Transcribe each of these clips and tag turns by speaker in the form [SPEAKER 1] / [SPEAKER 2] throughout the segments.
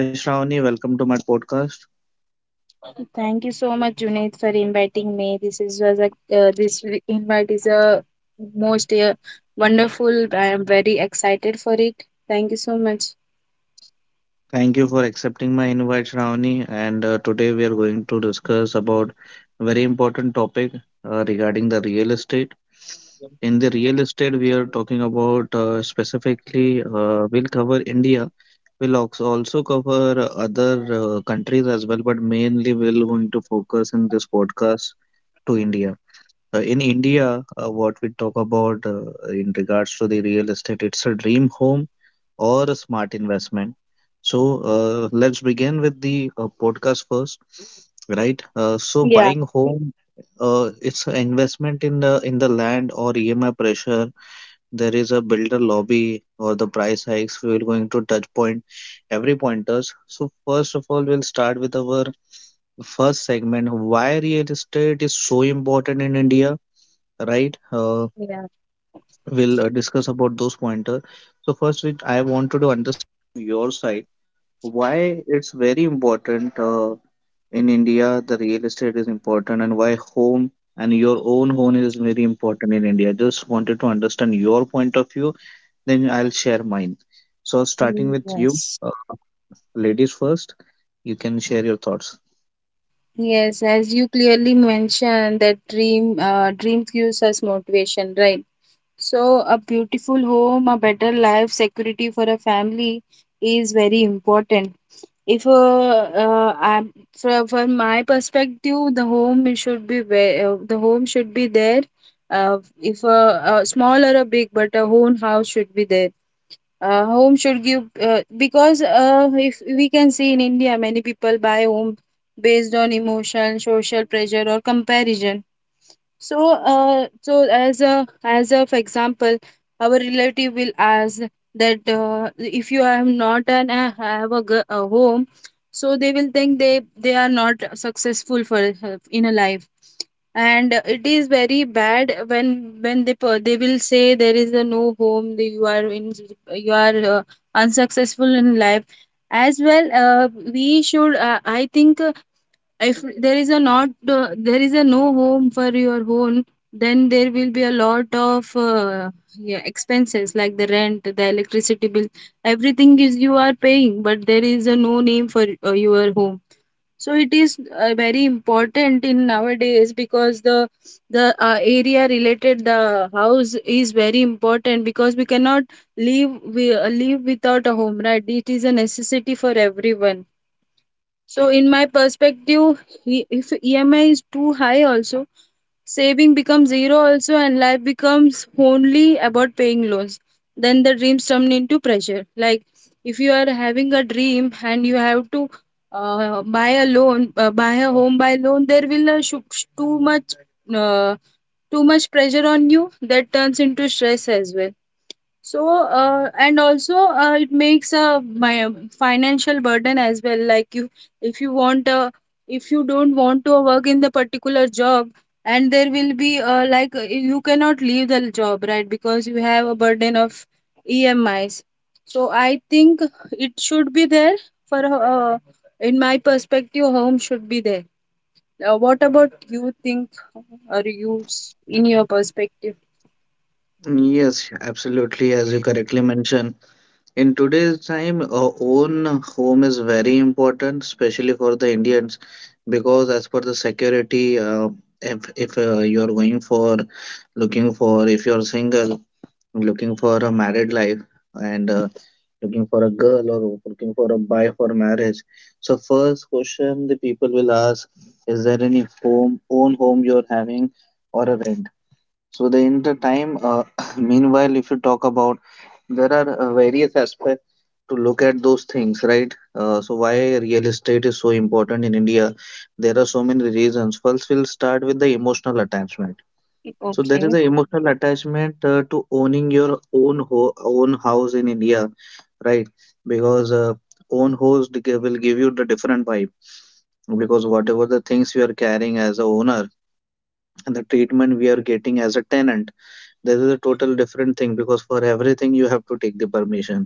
[SPEAKER 1] Hi Shravani, welcome to my podcast.
[SPEAKER 2] Thank you so much, Junaid, for inviting me. This invite is a most wonderful. I am very excited for it. Thank you so much.
[SPEAKER 1] Thank you for accepting my invite, Shravani. And Today we are going to discuss about a very important topic regarding the real estate. In the real estate, we are talking about specifically, we'll cover India. We'll also cover other countries as well, but mainly we're going to focus in this podcast to India. In India, what we talk about in regards to the real estate, it's a dream home or a smart investment. So let's begin with the podcast first, right? So
[SPEAKER 2] Yeah,
[SPEAKER 1] buying home, it's an investment in the land or EMI pressure, there is a builder lobby or the price hikes. We will going to touch point every pointers. So first of all, we'll start with our first segment: why real estate is so important in India, right?
[SPEAKER 2] yeah.
[SPEAKER 1] We'll discuss about those pointers. So I wanted to understand your side, why it's very important in India the real estate is important, and why home and your own home is very important in India. Just wanted to understand your point of view, then I'll share mine. So starting
[SPEAKER 2] Mm,
[SPEAKER 1] with you,
[SPEAKER 2] yes.
[SPEAKER 1] ladies first, you can share your thoughts.
[SPEAKER 2] Yes. As you clearly mentioned, that dream gives us motivation, right? So, a beautiful home, a better life, security for a family is very important. If uh, uh, I'm from, from, my perspective, the home should be there. If a small or a big, but a own house should be there. Home should give because if we can see in India, many people buy home based on emotion, social pressure, or comparison. So, uh, so as a as a for example, our relative will ask that if you have not an have a, g- a home, so they will think they are not successful for in a life, and it is very bad when they will say there is a no home, you are in you are unsuccessful in life. As well, we should. I think if there is a no home for your own, then there will be a lot of yeah, expenses, like the rent, the electricity bill, everything is you are paying, but there is a no name for your home. So it is very important in nowadays, because the area related the house is very important, because we cannot live without a home, right? It is a necessity for everyone. So, in my perspective, if EMI is too high, also saving becomes zero, also, and life becomes only about paying loans. Then the dreams turn into pressure. Like, if you are having a dream and you have to buy a loan, buy a home by loan, there will uh, too much pressure on you. That turns into stress as well. So, and also it makes a my financial burden as well. Like you, if you want, uh, if you don't want to work in the particular job, and there will be like you cannot leave the job, right? Because you have a burden of EMIs. So I think it should be there for, in my perspective, home should be there. What about you think or in your perspective?
[SPEAKER 1] Yes, absolutely. As you correctly mentioned, in today's time, our own home is very important, especially for the Indians, because as per the security, if you are going for looking for, if you are single, looking for a married life, and looking for a girl or looking for a buy for marriage. So first question the people will ask, is there any home, own home you're having, or a rent? So the in the time meanwhile if you talk about, there are various aspects to look at those things, right? So why real estate is so important in India, there are so many reasons. First we'll start with the emotional attachment. So there
[SPEAKER 2] Okay.
[SPEAKER 1] is an emotional attachment to owning your own house in India, right? Because Own house will give you the different vibe. Because whatever the
[SPEAKER 2] Yes.
[SPEAKER 1] things we are carrying as a owner, and the treatment we are getting as a tenant, there is a total different thing. Because for everything you have to take the permission.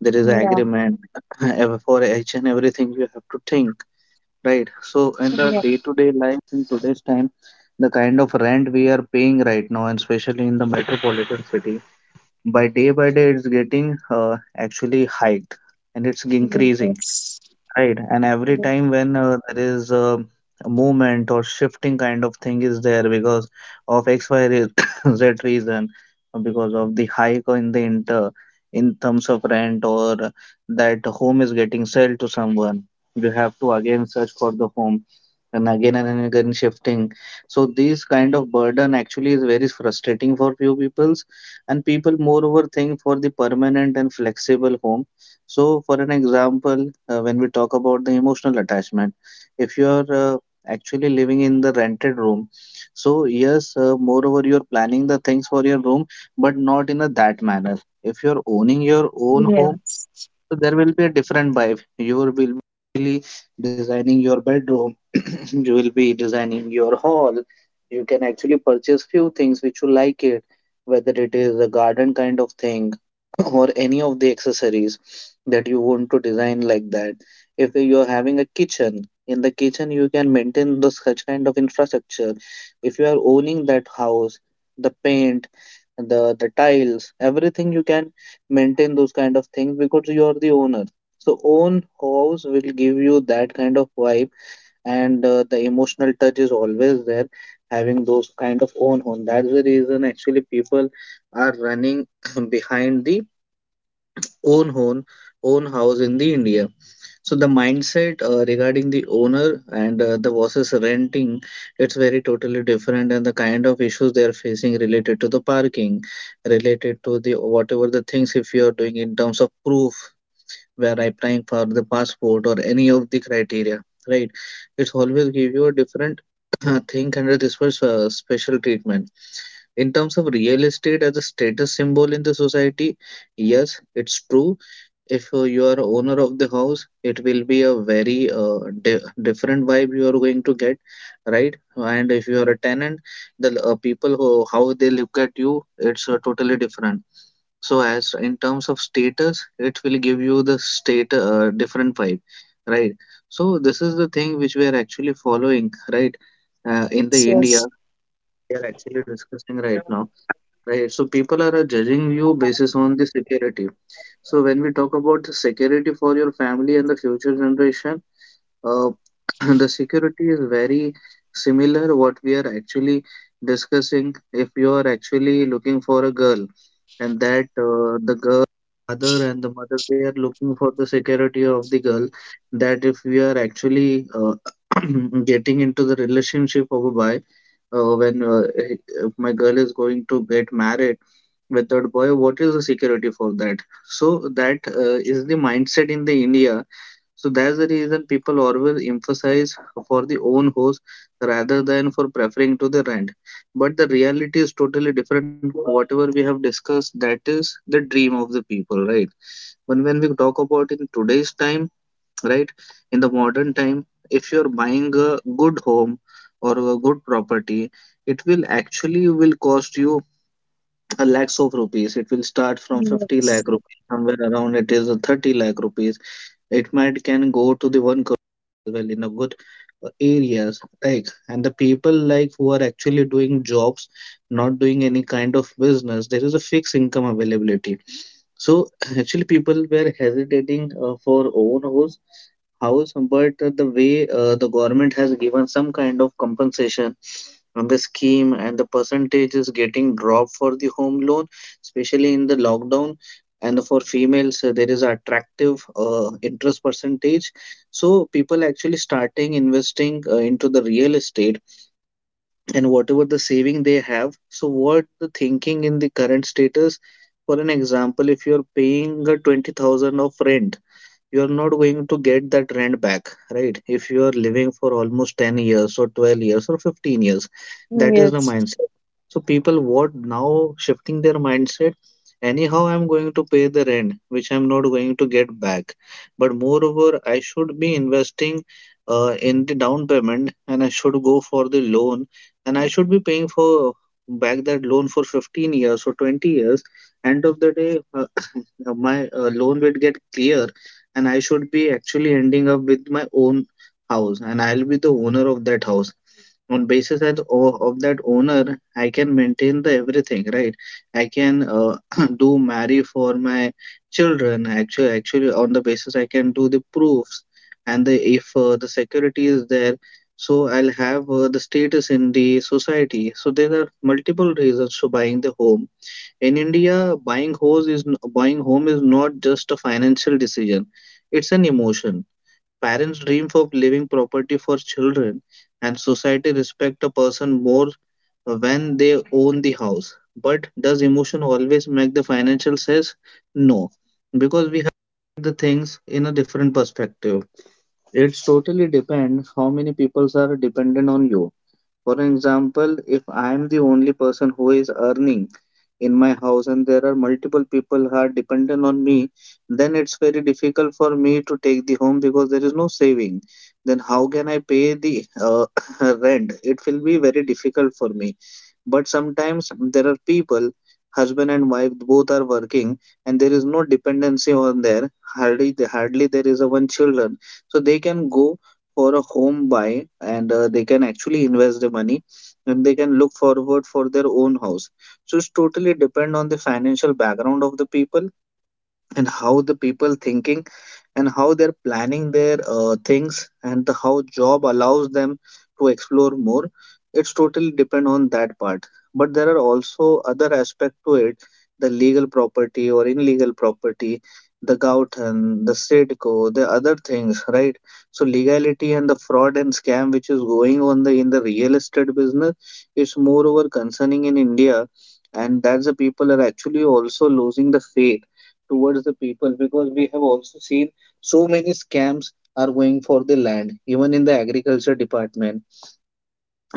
[SPEAKER 1] There is an
[SPEAKER 2] Right.
[SPEAKER 1] agreement. For each and everything you have to think. Right. So in the
[SPEAKER 2] Yes,
[SPEAKER 1] day-to-day life, in today's time, the kind of rent we are paying right now, and especially in the metropolitan city, by day it's getting actually hiked and it's increasing.
[SPEAKER 2] yes,
[SPEAKER 1] Right. And every
[SPEAKER 2] yes,
[SPEAKER 1] time when there is a movement or shifting kind of thing is there because of X, Y, Z reason, because of the hike in the inter in terms of rent, or that home is getting sold to someone, you have to again search for the home and again shifting. So this kind of burden actually is very frustrating for few peoples, and people moreover think for the permanent and flexible home. So for an example, when we talk about the emotional attachment, if you are actually living in the rented room, so yes, moreover you are planning the things for your room, but not in a that manner. If you are owning your own home.
[SPEAKER 2] yes,
[SPEAKER 1] So there will be a different vibe. You will be designing your bedroom. You will be designing your hall. You can actually purchase few things which you like it, whether it is a garden kind of thing or any of the accessories that you want to design like that. If you are having a kitchen, in the kitchen you can maintain the such kind of infrastructure, if you are owning that house. The paint, the tiles, everything you can maintain those kind of things, because you are the owner. So own house will give you that kind of vibe, and the emotional touch is always there having those kind of own home. That's the reason actually people are running behind the own home, own house in the India. So the mindset regarding the owner and the versus renting, it's very totally different. And the kind of issues they are facing related to the parking, related to the whatever the things, if you are doing in terms of proof, where applying for the passport or any of the criteria, right? It's always give you a different thing under this was special treatment. In terms of real estate as a status symbol in the society, yes, it's true. If you are owner of the house, it will be a very different vibe you are going to get, right? And if you are a tenant, the people who how they look at you, it's totally different. So as in terms of status, it will give you the state different vibe, right? So this is the thing which we are actually following, right? In
[SPEAKER 2] yes,
[SPEAKER 1] the India,
[SPEAKER 2] yes,
[SPEAKER 1] we are actually discussing right now, right? So people are judging you basis on the security. So when we talk about the security for your family and the future generation, uh, the security is very similar what we are actually discussing. If you are actually looking for a girl, and that the girl mother, and the mother, they are looking for the security of the girl, that if we are actually getting into the relationship of a boy, when if my girl is going to get married with that boy, what is the security for that? So that is the mindset in the India. So that's the reason people always emphasize for the own house rather than for preferring to the rent. But the reality is totally different. Whatever we have discussed, that is the dream of the people, right? But when we talk about in today's time, right, in the modern time, if you're buying a good home or a good property, it will actually will cost you a lakhs of rupees. It will start from
[SPEAKER 2] yes,
[SPEAKER 1] 50 lakh
[SPEAKER 2] yes,
[SPEAKER 1] rupees, somewhere around it is a 30 lakh rupees. It might can go to the 1 crore as well, in a good areas. Like, and the people like who are actually doing jobs, not doing any kind of business, there is a fixed income availability. So actually, people were hesitating for own house, house, but the way the government has given some kind of compensation on the scheme, and the percentage is getting dropped for the home loan, especially in the lockdown. And for females, there is attractive interest percentage. So people actually starting investing into the real estate, and whatever the saving they have. So what the thinking in the current status? For an example, if you're paying 20,000 of rent, you are not going to get that rent back, right? If you are living for almost 10 years or 12 years or 15 years, that is the
[SPEAKER 2] yes.
[SPEAKER 1] mindset. So people what now shifting their mindset, anyhow I'm going to pay the rent which I'm not going to get back, but moreover I should be investing in the down payment, and I should go for the loan, and I should be paying for back that loan for 15 years or 20 years. End of the day my loan will get clear, and I should be actually ending up with my own house, and I'll be the owner of that house. On basis of that owner, I can maintain the everything, right? I can do marry for my children. Actually, on the basis I can do the proofs, and the if the security is there, so I'll have the status in the society. So there are multiple reasons to buying the home in India. Buying house is, buying home is not just a financial decision. It's an emotion. Parents dream of leaving property for children, and society respect a person more when they own the house. But does emotion always make the financial sense? No, because we have the things in a different perspective. It's totally depends how many people are dependent on you. For example, if I am the only person who is earning in my house, and there are multiple people who are dependent on me, then it's very difficult for me to take the home because there is no saving. Then how can I pay the rent? It will be very difficult for me. But sometimes there are people, husband and wife both are working and there is no dependency on there. Hardly there is a one children. So they can go for a home buy and they can actually invest the money and they can look forward for their own house so it's totally depend on the financial background of the people and how the people thinking and how they're planning their things and the, how job allows them to explore more. It's totally depend on that part, but there are also other aspect to it, the legal property or illegal property, the gautan, the sitco, the other things, right? So legality and the fraud and scam which is going on the in the real estate business is moreover concerning in India, and that's the people are actually also losing the faith towards the people because we have also seen so many scams are going for the land, even in the agriculture department,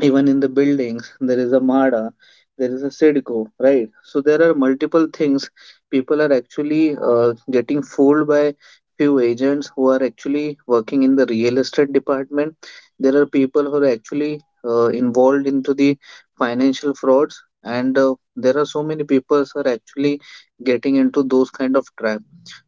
[SPEAKER 1] even in the buildings. There is a mada, there is a sidco, right? So there are multiple things. People are actually getting fooled by few agents who are actually working in the real estate department. There are people who are actually involved into the financial frauds, and there are so many people who are actually getting into those kind of trap.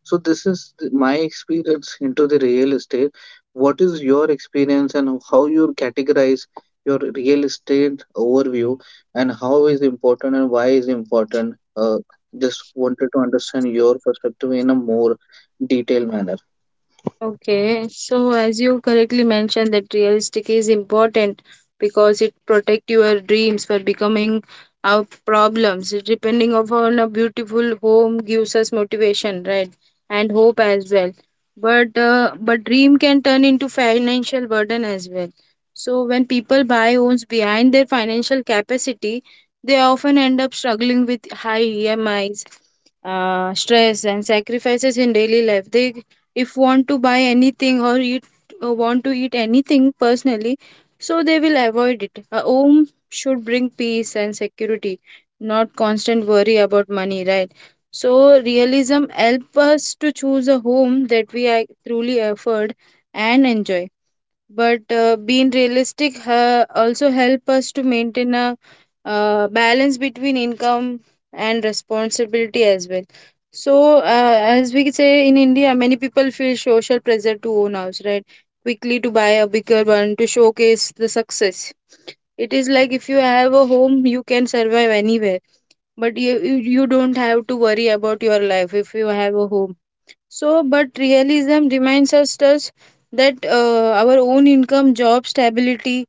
[SPEAKER 1] So this is my experience into the real estate. What is your experience, and how you categorize your real estate overview, and how is important and why is important. Just wanted to understand your perspective in a more detailed manner.
[SPEAKER 2] Okay, so as you correctly mentioned, that realistic is important because it protect your dreams for becoming our problems. Depending upon a beautiful home gives us motivation, right? And hope as well. But dream can turn into financial burden as well. So when people buy homes behind their financial capacity, they often end up struggling with high EMIs, stress, and sacrifices in daily life. They, if want to buy anything or eat want to eat anything personally, so they will avoid it. A home should bring peace and security, not constant worry about money, right? So realism help us to choose a home that we are truly afford and enjoy. But being realistic also help us to maintain a balance between income and responsibility as well. So as we say in India, many people feel social pressure to own house, right, quickly to buy a bigger one to showcase the success. It is like, if you have a home you can survive anywhere, but you don't have to worry about your life if you have a home. So, but realism reminds us thus, that our own income, job stability,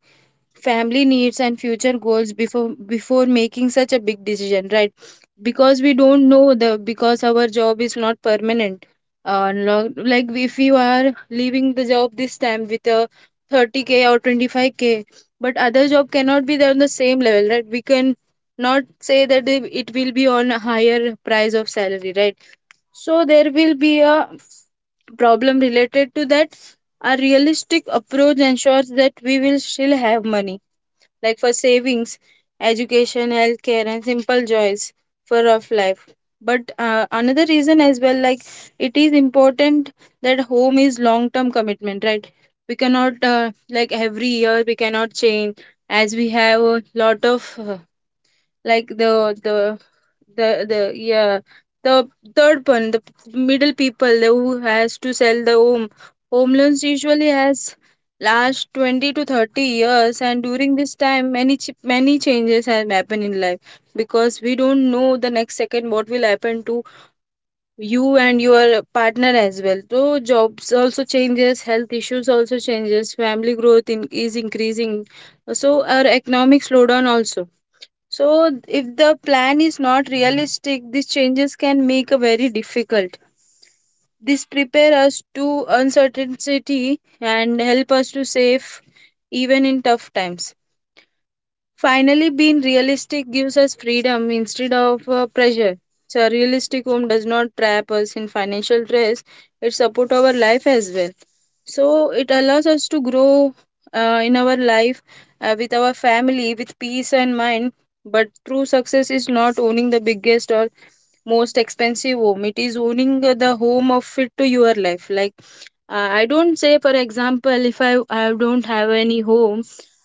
[SPEAKER 2] family needs, and future goals before making such a big decision, right? Because we don't know the, because our job is not permanent. Like, if you are leaving the job this time with a 30K or 25K, but other job cannot be there on the same level, right? We can not say that it will be on a higher price of salary, right? So there will be a problem related to that. A realistic approach ensures that we will still have money, like for savings, education, healthcare, and simple joys for rough life. But another reason as well, like, it is important that home is long-term commitment, right? We cannot like, every year we cannot change, as we have a lot of like the the yeah the third one, the middle people, the who has to sell the home. Home loans usually has last 20 to 30 years, and during this time many changes have happened in life, because we don't know the next second what will happen to you and your partner as well. So jobs also changes, health issues also changes, family growth is increasing, so our economic slowdown also. So, if the plan is not realistic, these changes can make a very difficult. This prepare us to uncertainty and help us to save even in tough times. Finally, being realistic gives us freedom instead of pressure. So, a realistic home does not trap us in financial stress, it supports our life as well. So, it allows us to grow in our life with our family with peace and mind. But true success is not owning the biggest or most expensive home, it is owning the home of fit to your life. Like, uh, I don't say, for example, if I don't have any home,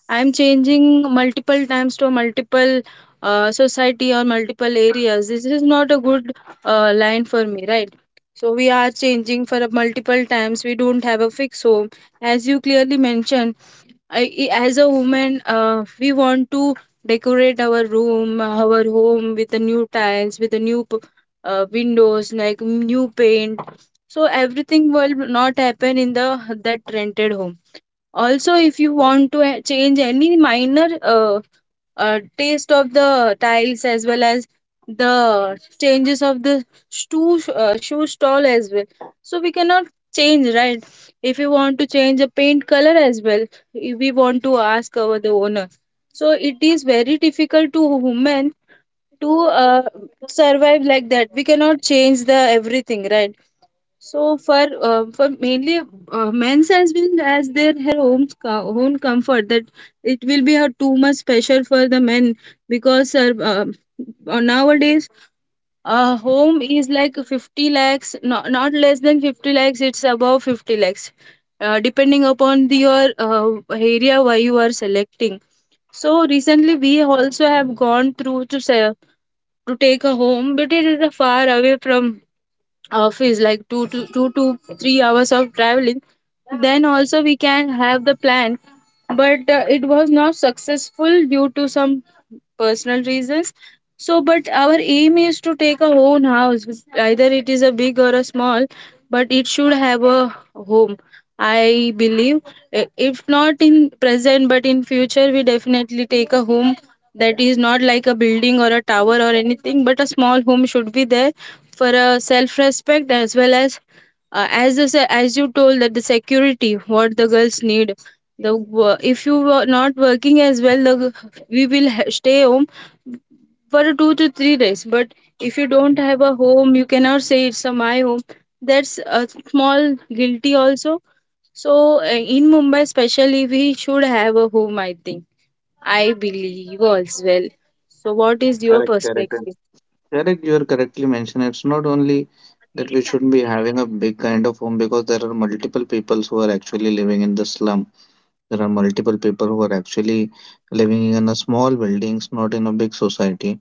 [SPEAKER 2] I'm changing multiple times to multiple society or multiple areas. This is not a good line for me, right? So we are changing for a multiple times. We don't have a fixed home, as you clearly mentioned. I, as a woman, we want to decorate our room, our home with the new tiles, with the new windows, like new paint. So everything will not happen in the that rented home. Also if you want to change any minor taste of the tiles, as well as the changes of the shoe stall as well. So we cannot change, right? If you want to change a paint color as well, we want to ask our the owner. So it is very difficult to human to uh, survive like that, we cannot change the everything, right? So for mainly men's, as well as their her own own comfort, that it will be a too much pressure for the men, because nowadays a home is like 50 lakhs, not less than 50 lakhs, it's above 50 lakhs, depending upon your area why you are selecting. So recently we also have gone through to say to take a home, but it is a far away from office, like two to three hours of traveling. Then also we can have the plan, but it was not successful due to some personal reasons. So, but our aim is to take a own house, either it is a big or a small, but it should have a home. I believe, if not in present, but in future, we definitely take a home. That is not like a building or a tower or anything, but a small home should be there for a self-respect, as well as as you told, that the security what the girls need. If you were not working as well, we stay home for 2 to 3 days. But if you don't have a home, you cannot say it's a my home. That's a small guilty also. So in Mumbai, especially, we should have a home. I think, I believe as well. So what is your
[SPEAKER 1] Correct, correct.
[SPEAKER 2] perspective?
[SPEAKER 1] Correct, you are correctly mentioned. It's not only that we shouldn't be having a big kind of home because there are multiple people who are actually living in the slum. There are multiple people who are actually living in a small buildings, not in a big society.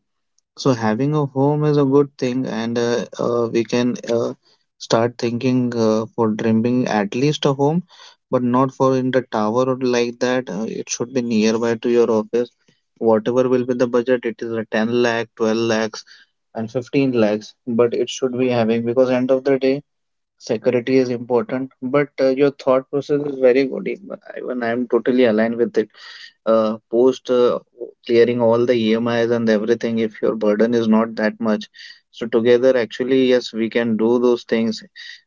[SPEAKER 1] So having a home is a good thing, and we can start thinking for dreaming at least a home, but not for in the tower or like that. It should be nearby to your office. Whatever will be the budget, it is a 10 lakh, 12 lakhs, and 15 lakhs, but it should be having because end of the day, security is important. But your thought process is very good. Even I am totally aligned with it post clearing all the EMIs and everything if your burden is not that much. So together, actually, yes, we can do those things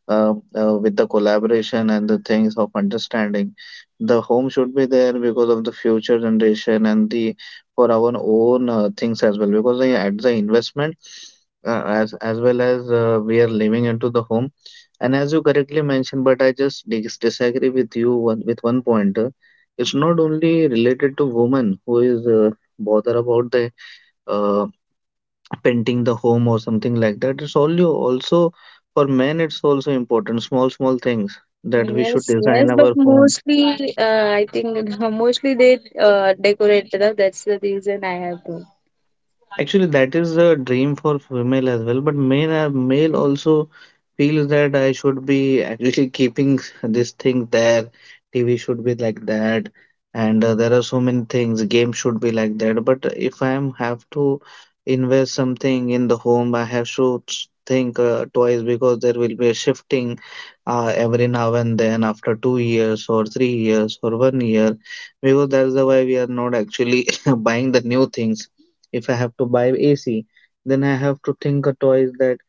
[SPEAKER 1] with the collaboration and the things of understanding. The home should be there because of the future generation and the for our own things as well. Because at the investment, as well as we are living into the home. And as you correctly mentioned, but I just disagree with you one, with one point. It's not only related to women who is bother about the uh, painting the home or something like that. It's also for men. It's also important, small small things, that we should
[SPEAKER 2] Yes,
[SPEAKER 1] design
[SPEAKER 2] yes, but
[SPEAKER 1] our home.
[SPEAKER 2] mostly, I think, mostly they decorate it. That's the reason I have to.
[SPEAKER 1] Actually, that is the dream for female as well, but male are, male also feels that I should be actually keeping this thing there. TV should be like that, and there are so many things. Game should be like that. But if I am have to invest something in the home, I have to think twice because there will be a shifting every now and then after 2 years or 3 years or one year, because that's the why we are not actually buying the new things. If I have to buy AC, then I have to think a twice that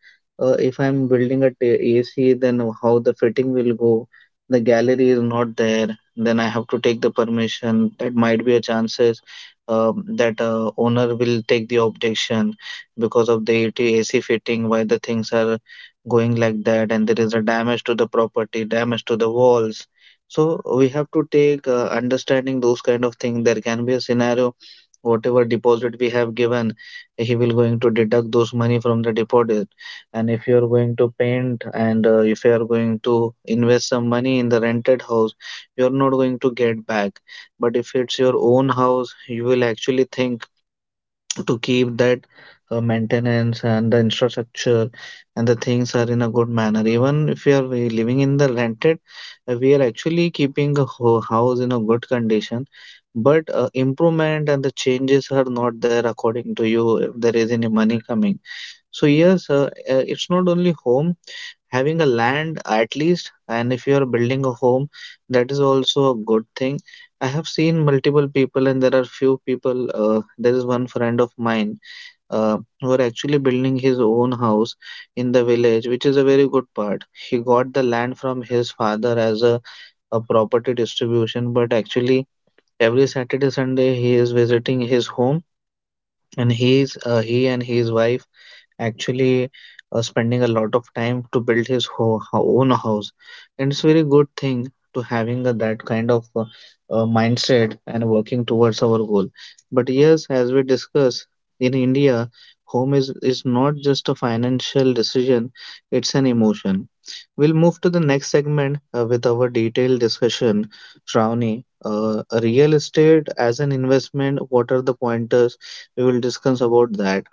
[SPEAKER 1] if I'm building a AC, then how the fitting will go. The gallery is not there. Then I have to take the permission. That might be a chances that owner will take the objection because of the AT AC fitting. Why the things are going like that, and there is a damage to the property, damage to the walls. So we have to take understanding those kind of things. There can be a scenario whatever deposit we have given, he will going to deduct those money from the deposit. And if you are going to paint and if you are going to invest some money in the rented house, you are not going to get back. But if it's your own house, you will actually think to keep that maintenance and the infrastructure and the things are in a good manner. Even if you are we living in the rented, we are actually keeping a house in a good condition, but improvement and the changes are not there according to you if there is any money coming. So yes, it's not only home, having a land at least, and if you are building a home, that is also a good thing. I have seen multiple people, and there are few people. There is one friend of mine were actually building his own house in the village, which is a very good part. He got the land from his father as a property distribution, but actually every Saturday Sunday he is visiting his home, and he's he and his wife actually spending a lot of time to build his own house. And it's very good thing to having that kind of mindset and working towards our goal. But yes, as we discuss, in India, home is not just a financial decision, it's an emotion. We'll move to the next segment with our detailed discussion. Shravani, real estate as an investment, what are the pointers we will discuss about that.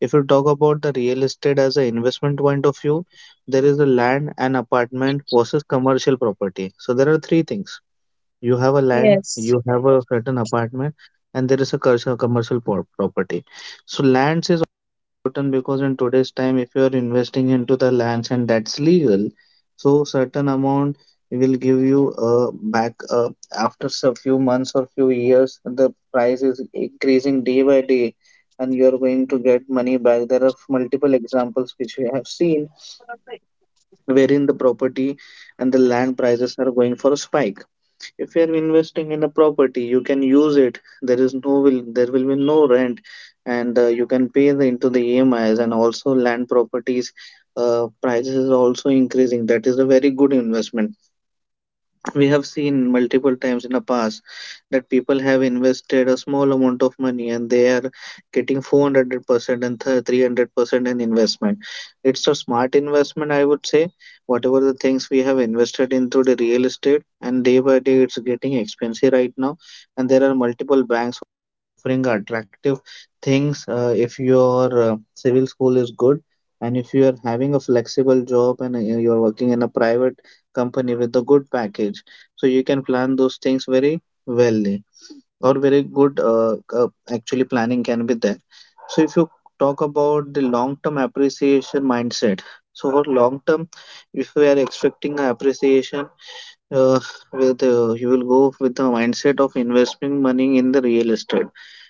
[SPEAKER 1] If you talk about the real estate as an investment point of view, there is a land and apartment versus commercial property. So there are three things. You have a land,
[SPEAKER 2] Yes.
[SPEAKER 1] you have a certain apartment, and there is a commercial property. So lands is important because in today's time, if you are investing into the lands and that's legal, so certain amount will give you back after a few months or few years. The price is increasing day by day, and you are going to get money back. There are multiple examples which we have seen wherein the property and the land prices are going for a spike. If you're investing in a property, you can use it. There is no will there will be no rent, and you can pay the, into the emis. And also land properties prices is also increasing. That is a very good investment. We have seen multiple times in the past that people have invested a small amount of money and they are getting 400% and 300% in investment. It's a smart investment, I would say. Whatever the things we have invested into the real estate, and day by day it's getting expensive right now. And there are multiple banks offering attractive things, if your civil school is good, and if you are having a flexible job, and you're working in a private company with a good package, so you can plan those things very wellly or very good uh, actually planning can be there. So if you talk about the long term appreciation mindset, so for long term, if we are expecting a appreciation, uh, with you will go with the mindset of investing money in the real estate.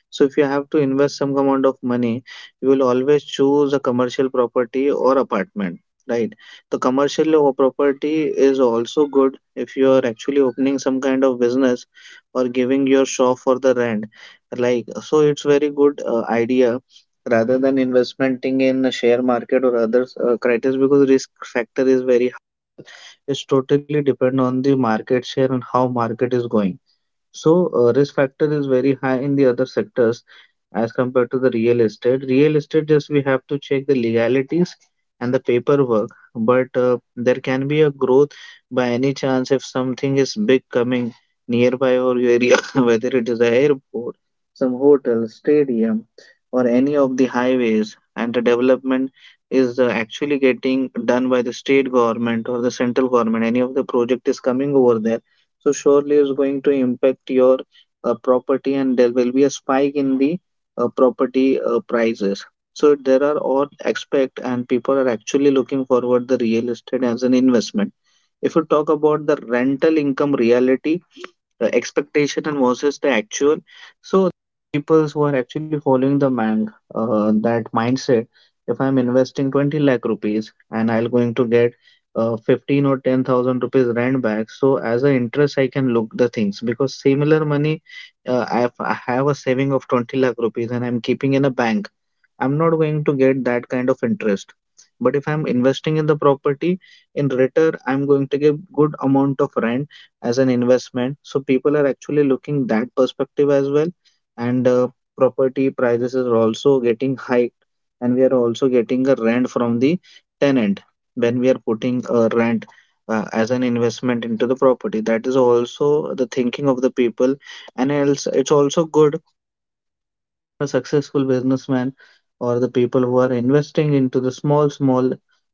[SPEAKER 1] So if you have to invest some amount of money, you will always choose a commercial property or apartment, right? The commercial property is also good if you are actually opening some kind of business or giving your shop for the rent. Like, so it's very good idea rather than investing in a share market or other criteria because risk factor is very high. It's totally depend on the market share and how market is going. So, risk factor is very high in the other sectors as compared to the real estate. Real estate, just we have to check the legalities and the paperwork, but there can be a growth by any chance if something is big coming nearby or your area, whether it is a airport, some hotel, stadium, or any of the highways, and the development is actually getting done by the state government or the central government. Any of the project is coming over there so surely is going to impact your property, and there will be a spike in the property prices. So there are all aspect, and people are actually looking forward the real estate as an investment. If you talk about the rental income reality, the expectation and versus the actual, so people who are actually following the man that mindset. If I'm investing 20 lakh rupees and I'll going to get 15 or 10,000 rupees rent back, so as an interest I can look the things because similar money, I have a saving of 20 lakh rupees and I'm keeping in a bank. I'm not going to get that kind of interest. But if I'm investing in the property, in return I'm going to give good amount of rent as an investment, so people are actually looking that perspective as well. And property prices are also getting hiked, and we are also getting a rent from the tenant when we are putting a rent as an investment into the property. That is also the thinking of the people, and else it's also good. A successful businessman or the people who are investing into the small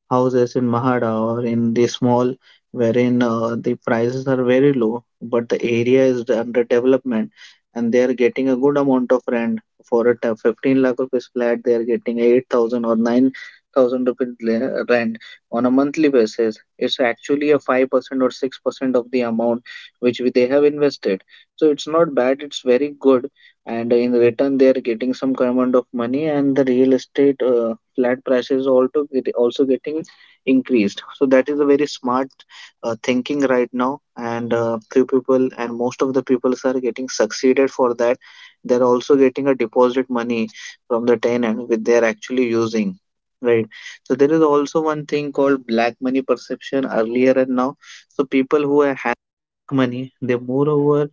[SPEAKER 1] houses in Mahara or in the small wherein the prices are very low but the area is under development, and they are getting a good amount of rent. For a 15 lakh rupees flat, they are getting 8,000 or 9,000 rupees rent on a monthly basis. It's actually a 5% or 6% of the amount which they have invested, so it's not bad, it's very good. And in return, they are getting some amount of money, and the real estate flat prices also getting increased. So that is a very smart thinking right now, and few people and most of the people are getting succeeded for that. They're also getting a deposit money from the tenant which they're actually using, right. So there is also one thing called black money perception earlier and now. So people who have money, they moreover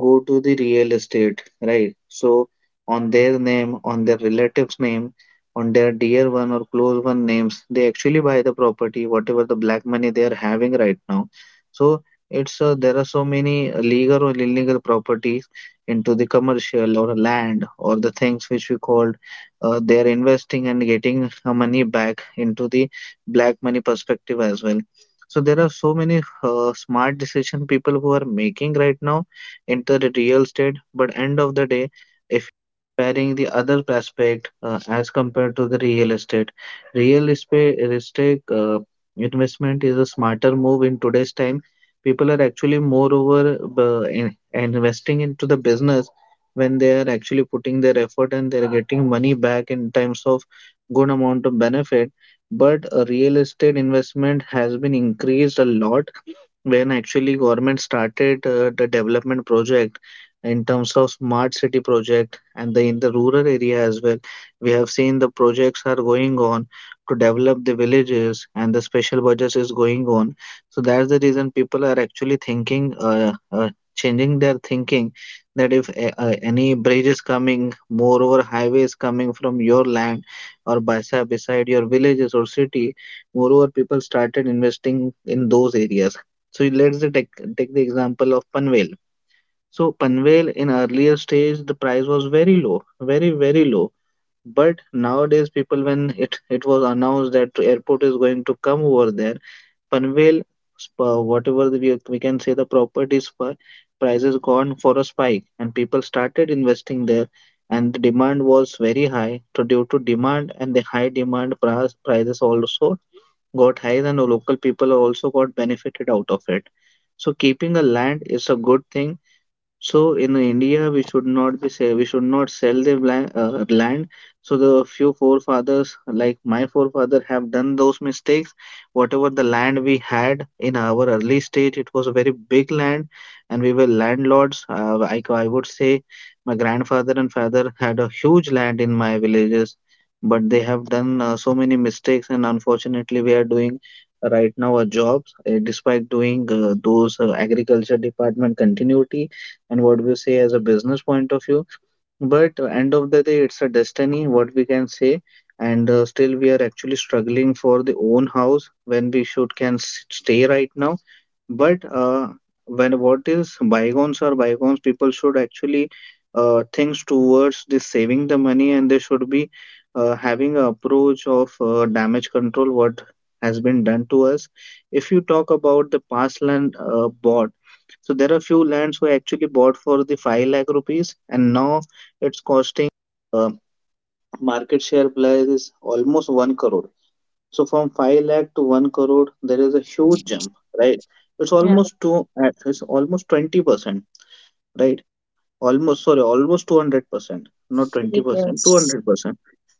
[SPEAKER 1] go to the real estate, right? So on their name, on their relatives' name, on their dear one or close one names, they actually buy the property, whatever the black money they are having right now. So it's there are so many legal or illegal properties into the commercial or land or the things which we called, they are investing and getting money back into the black money perspective as well. So there are so many smart decision people who are making right now into the real estate. But end of the day, if comparing the other aspect as compared to the real estate, real estate investment is a smarter move in today's time. People are actually moreover investing into the business when they are actually putting their effort, and they're getting money back in terms of good amount of benefit. But a real estate investment has been increased a lot when actually government started the development project in terms of smart city project and the in the rural area as well. We have seen the projects are going on to develop the villages, and the special budgets is going on. So that's the reason people are actually thinking changing their thinking that if any bridge is coming, moreover highway is coming from your land or beside your villages or city, moreover people started investing in those areas. So let's the take the example of Panvel. So Panvel, in earlier stage, the price was very low, very very low. But nowadays, people, when it was announced that airport is going to come over there, Panvel whatever we can say, the properties for prices gone for a spike, and people started investing there, and the demand was very high. So due to demand and the high demand, prices also got high and local people also got benefited out of it. So keeping a land is a good thing. So in India, we should not be say, we should not sell the land. Land. So the few forefathers, like my forefather, have done those mistakes. Whatever the land we had in our early stage, it was a very big land, and we were landlords. I would say my grandfather and father had a huge land in my villages, but they have done so many mistakes, and unfortunately, we are doing right now our jobs despite doing those agriculture department continuity and what we say as a business point of view. But end of the day, it's a destiny, what we can say. And still we are actually struggling for the own house when we stay right now. But when what is bygones or bygones, people should actually things towards the saving the money, and they should be having a approach of damage control, what has been done to us. If you talk about the past land bought, so there are few lands who actually bought for the 5 lakh rupees, and now it's costing, uh, market share price is almost 1 crore. So from 5 lakh to 1 crore, there is a huge
[SPEAKER 2] Mhm.
[SPEAKER 1] jump, right? It's
[SPEAKER 2] Yeah.
[SPEAKER 1] almost two it's almost 20%, right? Almost, sorry, almost 200%, not 20%,
[SPEAKER 2] Yes.
[SPEAKER 1] 200%.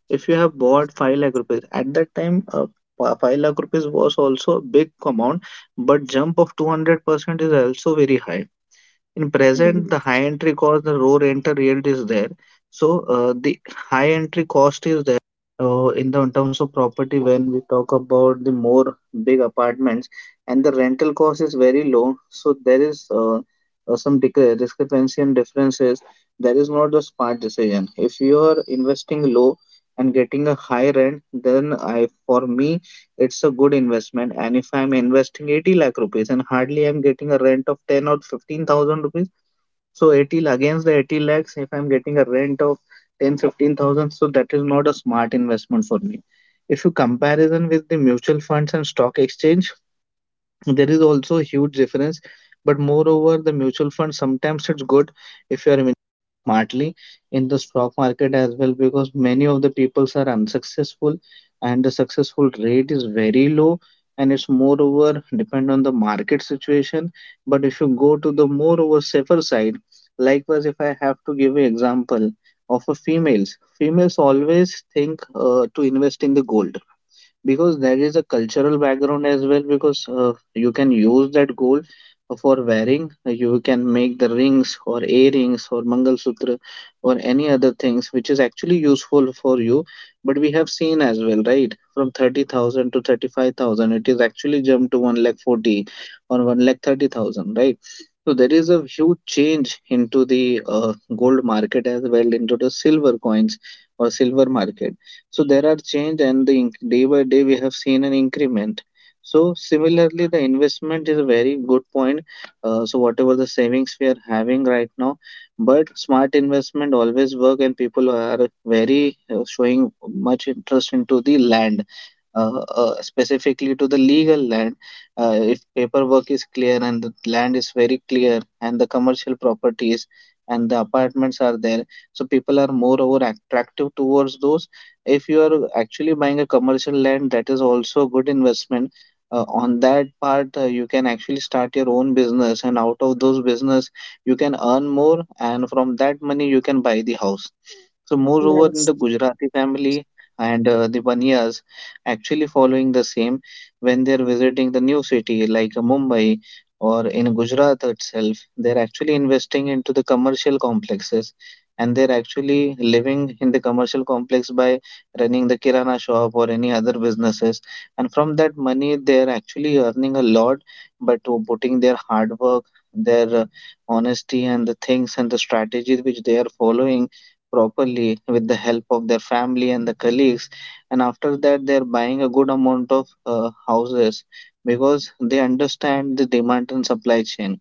[SPEAKER 1] If you have bought 5 lakh rupees at that time, 5 lakh rupees was also a big amount, but jump of 200% is also very high. In present, the
[SPEAKER 2] Mm.
[SPEAKER 1] high entry cost, the low rental yield is there. So the high entry cost is there in the in terms of property when we talk about the more big apartments, and the rental cost is very low. So there is some discrepancy and differences. There is not a smart decision. If you are investing low and getting a high rent, then I for me it's a good investment. And if I'm investing 80 lakh rupees and hardly I'm getting a rent of 10 or 15,000 rupees, so 80 against the 80 lakhs, if I'm getting a rent of 10,15,000, so that is not a smart investment for me. If you comparison with the mutual funds and stock exchange, there is also a huge difference. But moreover the mutual fund, sometimes it's good if you are investing smartly in the stock market as well, because many of the peoples are unsuccessful, and the successful rate is very low, and it's moreover depend on the market situation. But if you go to the moreover safer side, likewise, if I have to give an example of a females always think to invest in the gold, because there is a cultural background as well, because you can use that gold for wearing. You can make the rings or earrings or mangalsutra or any other things which is actually useful for you. But we have seen as well, right, from 30,000 to 35,000, it is actually jumped to 1 lakh 40 or 1 lakh 30,000, right. So there is a huge change into the gold market as well, into the silver coins or silver market. So there are change, and the day by day we have seen an increment. So similarly, the investment is a very good point. So whatever the savings we are having right now, but smart investment always work, and people are very showing much interest into the land, specifically to the legal land. If paperwork is clear and the land is very clear, and the commercial properties and the apartments are there, so people are more over attractive towards those. If you are actually buying a commercial land, that is also a good investment. On that part, you can actually start your own business, and out of those business, you can earn more, and from that money, you can buy the house. So, moreover, in the
[SPEAKER 2] Yes.
[SPEAKER 1] Gujarati family and the Baniyas actually following the same, when they're visiting the new city like Mumbai or in Gujarat itself, they're actually investing into the commercial complexes, and they're actually living in the commercial complex by running the kirana shop or any other businesses. And from that money, they're actually earning a lot, but putting their hard work, their honesty, and the things and the strategies which they are following properly with the help of their family and the colleagues. And after that they're buying a good amount of houses because they understand the demand and supply chain.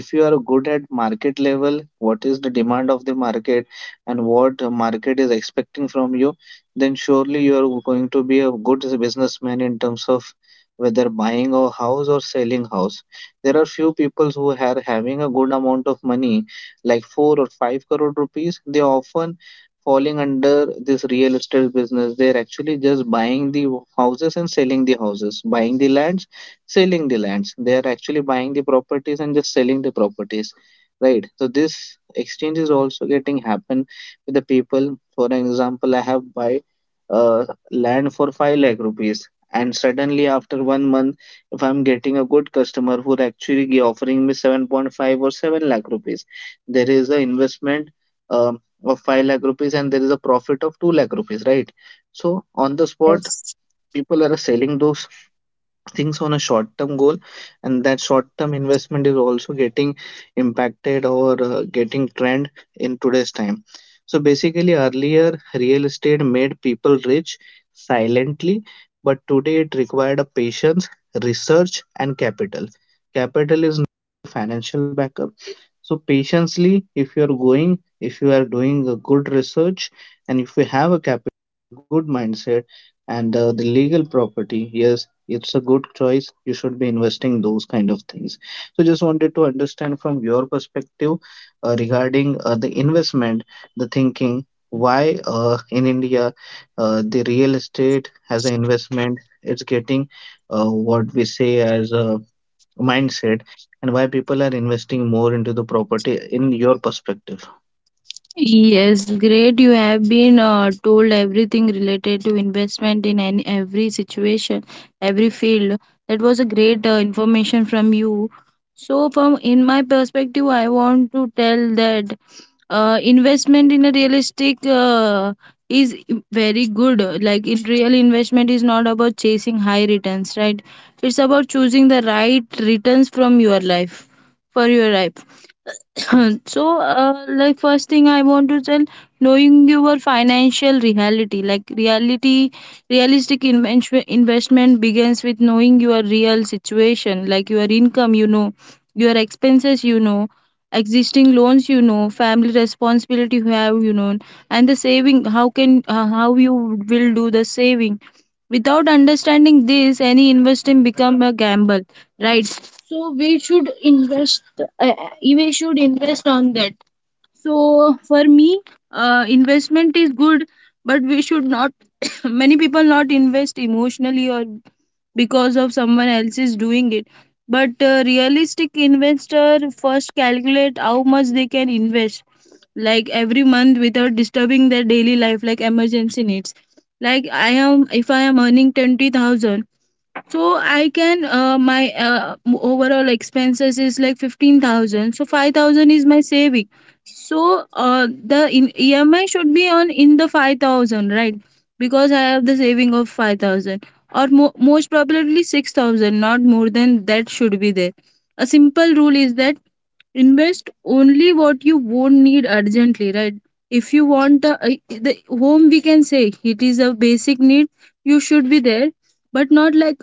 [SPEAKER 1] If you are good at market level, what is the demand of the market, and what market is expecting from you, then surely you are going to be a good businessman in terms of whether buying a house or selling house. There are few people who are having a good amount of money like 4 or 5 crore rupees. They often falling under this real estate business. They're actually just buying the houses and selling the houses, buying the lands, selling the lands. They are actually buying the properties and just selling the properties, right? So this exchange is also getting happen with the people. For an example, I have buy uh, land for 5 lakh rupees, and suddenly after 1 month, if I'm getting a good customer who actually offering me 7.5 or 7 lakh rupees, there is an investment Um, of 5 lakh rupees, and there is a profit of 2 lakh rupees, right? So on the spot,
[SPEAKER 2] Yes,
[SPEAKER 1] people are selling those things on a short term goal, and that short term investment is also getting impacted or getting trend in today's time. So basically, earlier real estate made people rich silently, but today it required a patience, research and capital. Capital is not financial backup. So patiently, if you are going, if you are doing a good research, and if you have a capital, good mindset, and the legal property, yes, it's a good choice. You should be investing those kind of things. So just wanted to understand from your perspective regarding the investment, the thinking why in India, the real estate as an investment, it's getting uh, what we say as a mindset, and why people are investing more into the property in your perspective.
[SPEAKER 2] Yes, great. You have been told everything related to investment in any every situation, every field. That was a great information from you. So, from in my perspective, I want to tell that investment in a realistic is very good. Like in real investment is not about chasing high returns, right? It's about choosing the right returns from your life for your life. So, first thing I want to tell, knowing your financial reality. Realistic investment begins with knowing your real situation, like your income, your expenses, existing loans, family responsibility you have, and the saving. How you will do the saving. Without understanding this, any investing become a gamble, right? So we should invest on that. So for me, investment is good, but we should not. Many people not invest emotionally, or because of someone else is doing it. But realistic investor first calculate how much they can invest, like every month without disturbing their daily life, like emergency needs. Like I am if I am earning 20,000. So I can uh, my uh, m- overall expenses is like 15,000. So 5,000 is my saving. So the in EMI should be on in the 5,000, right? Because I have the saving of 5,000, or most probably 6,000, not more than that should be there. A simple rule is that invest only what you won't need urgently, right? If you want the home, we can say it is a basic need, you should be there, but not like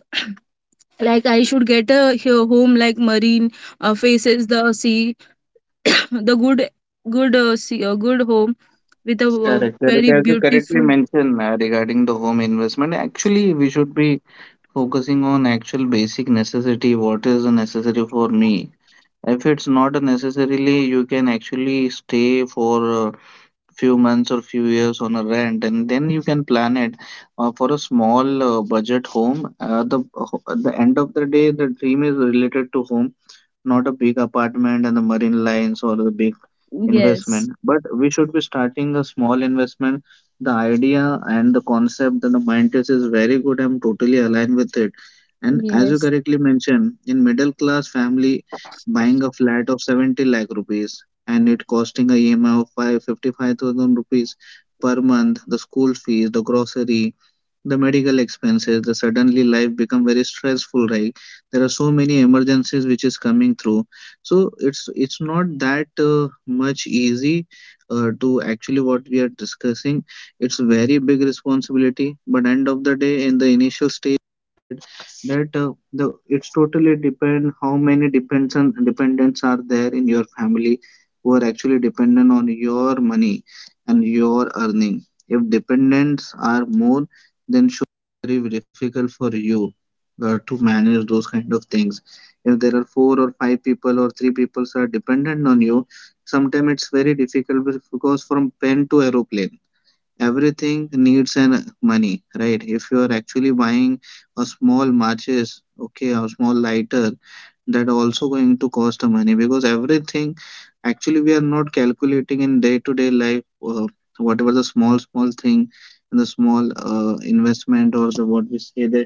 [SPEAKER 2] like I should get a home like marine, faces the sea. The good, sea, a good home with a,
[SPEAKER 1] Correct,
[SPEAKER 2] very
[SPEAKER 1] correct. As you correctly
[SPEAKER 2] beautiful.
[SPEAKER 1] mentioned regarding the home investment, actually we should be focusing on actual basic necessity, what is a necessary for me. If it's not a necessarily, you can actually stay for a few months or few years on a rent, and then you can plan it for a small budget home. The end of the day, the dream is related to home, not a big apartment and the marine lines or the big
[SPEAKER 2] Yes,
[SPEAKER 1] investment. But we should be starting a small investment. The idea and the concept and the mindset is very good, I'm totally aligned with it. And as you
[SPEAKER 2] yes,
[SPEAKER 1] correctly mentioned, in middle class family, buying a flat of 70 lakh rupees, and it costing a emi of 5 55000 rupees per month, the school fees, the grocery, the medical expenses, the suddenly life become very stressful, right? There are so many emergencies which is coming through. So it's not that much easy to actually what we are discussing. It's very big responsibility. But end of the day, in the initial stage, that the it's totally depend how many depends on dependents are there in your family, who are actually dependent on your money and your earning. If dependents are more, then sure, very difficult for you to manage those kind of things. If there are four or five people or three people are dependent on you, sometimes it's very difficult. Because from pen to aeroplane, everything needs an money, right? If you are actually buying a small matches, okay, or small lighter, that also going to cost a money. Because everything, actually we are not calculating in day to day life, whatever the small small thing and the small investment, or the what we say the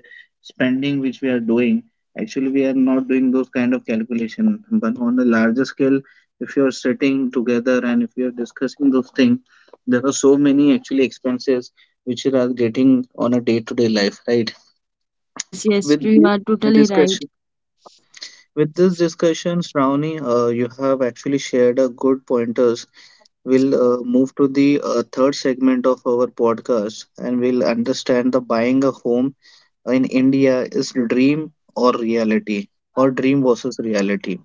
[SPEAKER 1] spending which we are doing, actually we are not doing those kind of calculation. But on a larger scale, if you are sitting together and if you are discussing those things, there are so many actually expenses which you are getting on a day-to-day life, right?
[SPEAKER 2] yes, yes,
[SPEAKER 1] With
[SPEAKER 2] you
[SPEAKER 1] this
[SPEAKER 2] are totally right.
[SPEAKER 1] discussion, with this discussions, Ravni, you have actually shared a good pointers. We'll move to the third segment of our podcast, and we'll understand the buying a home in India is dream or reality, or dream versus reality.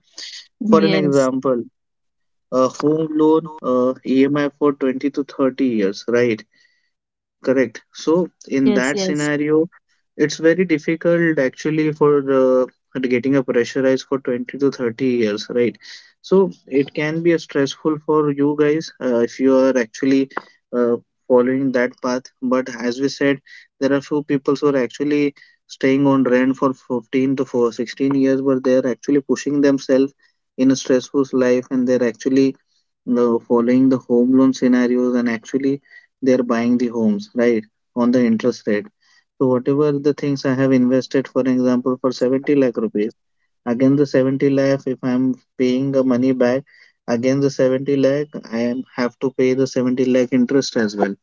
[SPEAKER 1] For an
[SPEAKER 2] Yes,
[SPEAKER 1] example, a home loan EMI for 20 to 30 years, right? Correct. So in
[SPEAKER 2] yes,
[SPEAKER 1] that
[SPEAKER 2] yes,
[SPEAKER 1] scenario, it's very difficult actually for uh, getting a pressurized for 20 to 30 years, right? So it can be a stressful for you guys if you are actually uh, following that path. But as we said, there are few people who are actually staying on rent for 15 to for 16 years, but they are actually pushing themselves in a stressful life, and they're actually the following the home loan scenarios, and actually they're buying the homes, right? On the interest rate, so whatever the things I have invested, for example for 70 lakh rupees, again the 70 lakh, if I'm paying the money back, again the 70 lakh, I am have to pay the 70 lakh interest as well.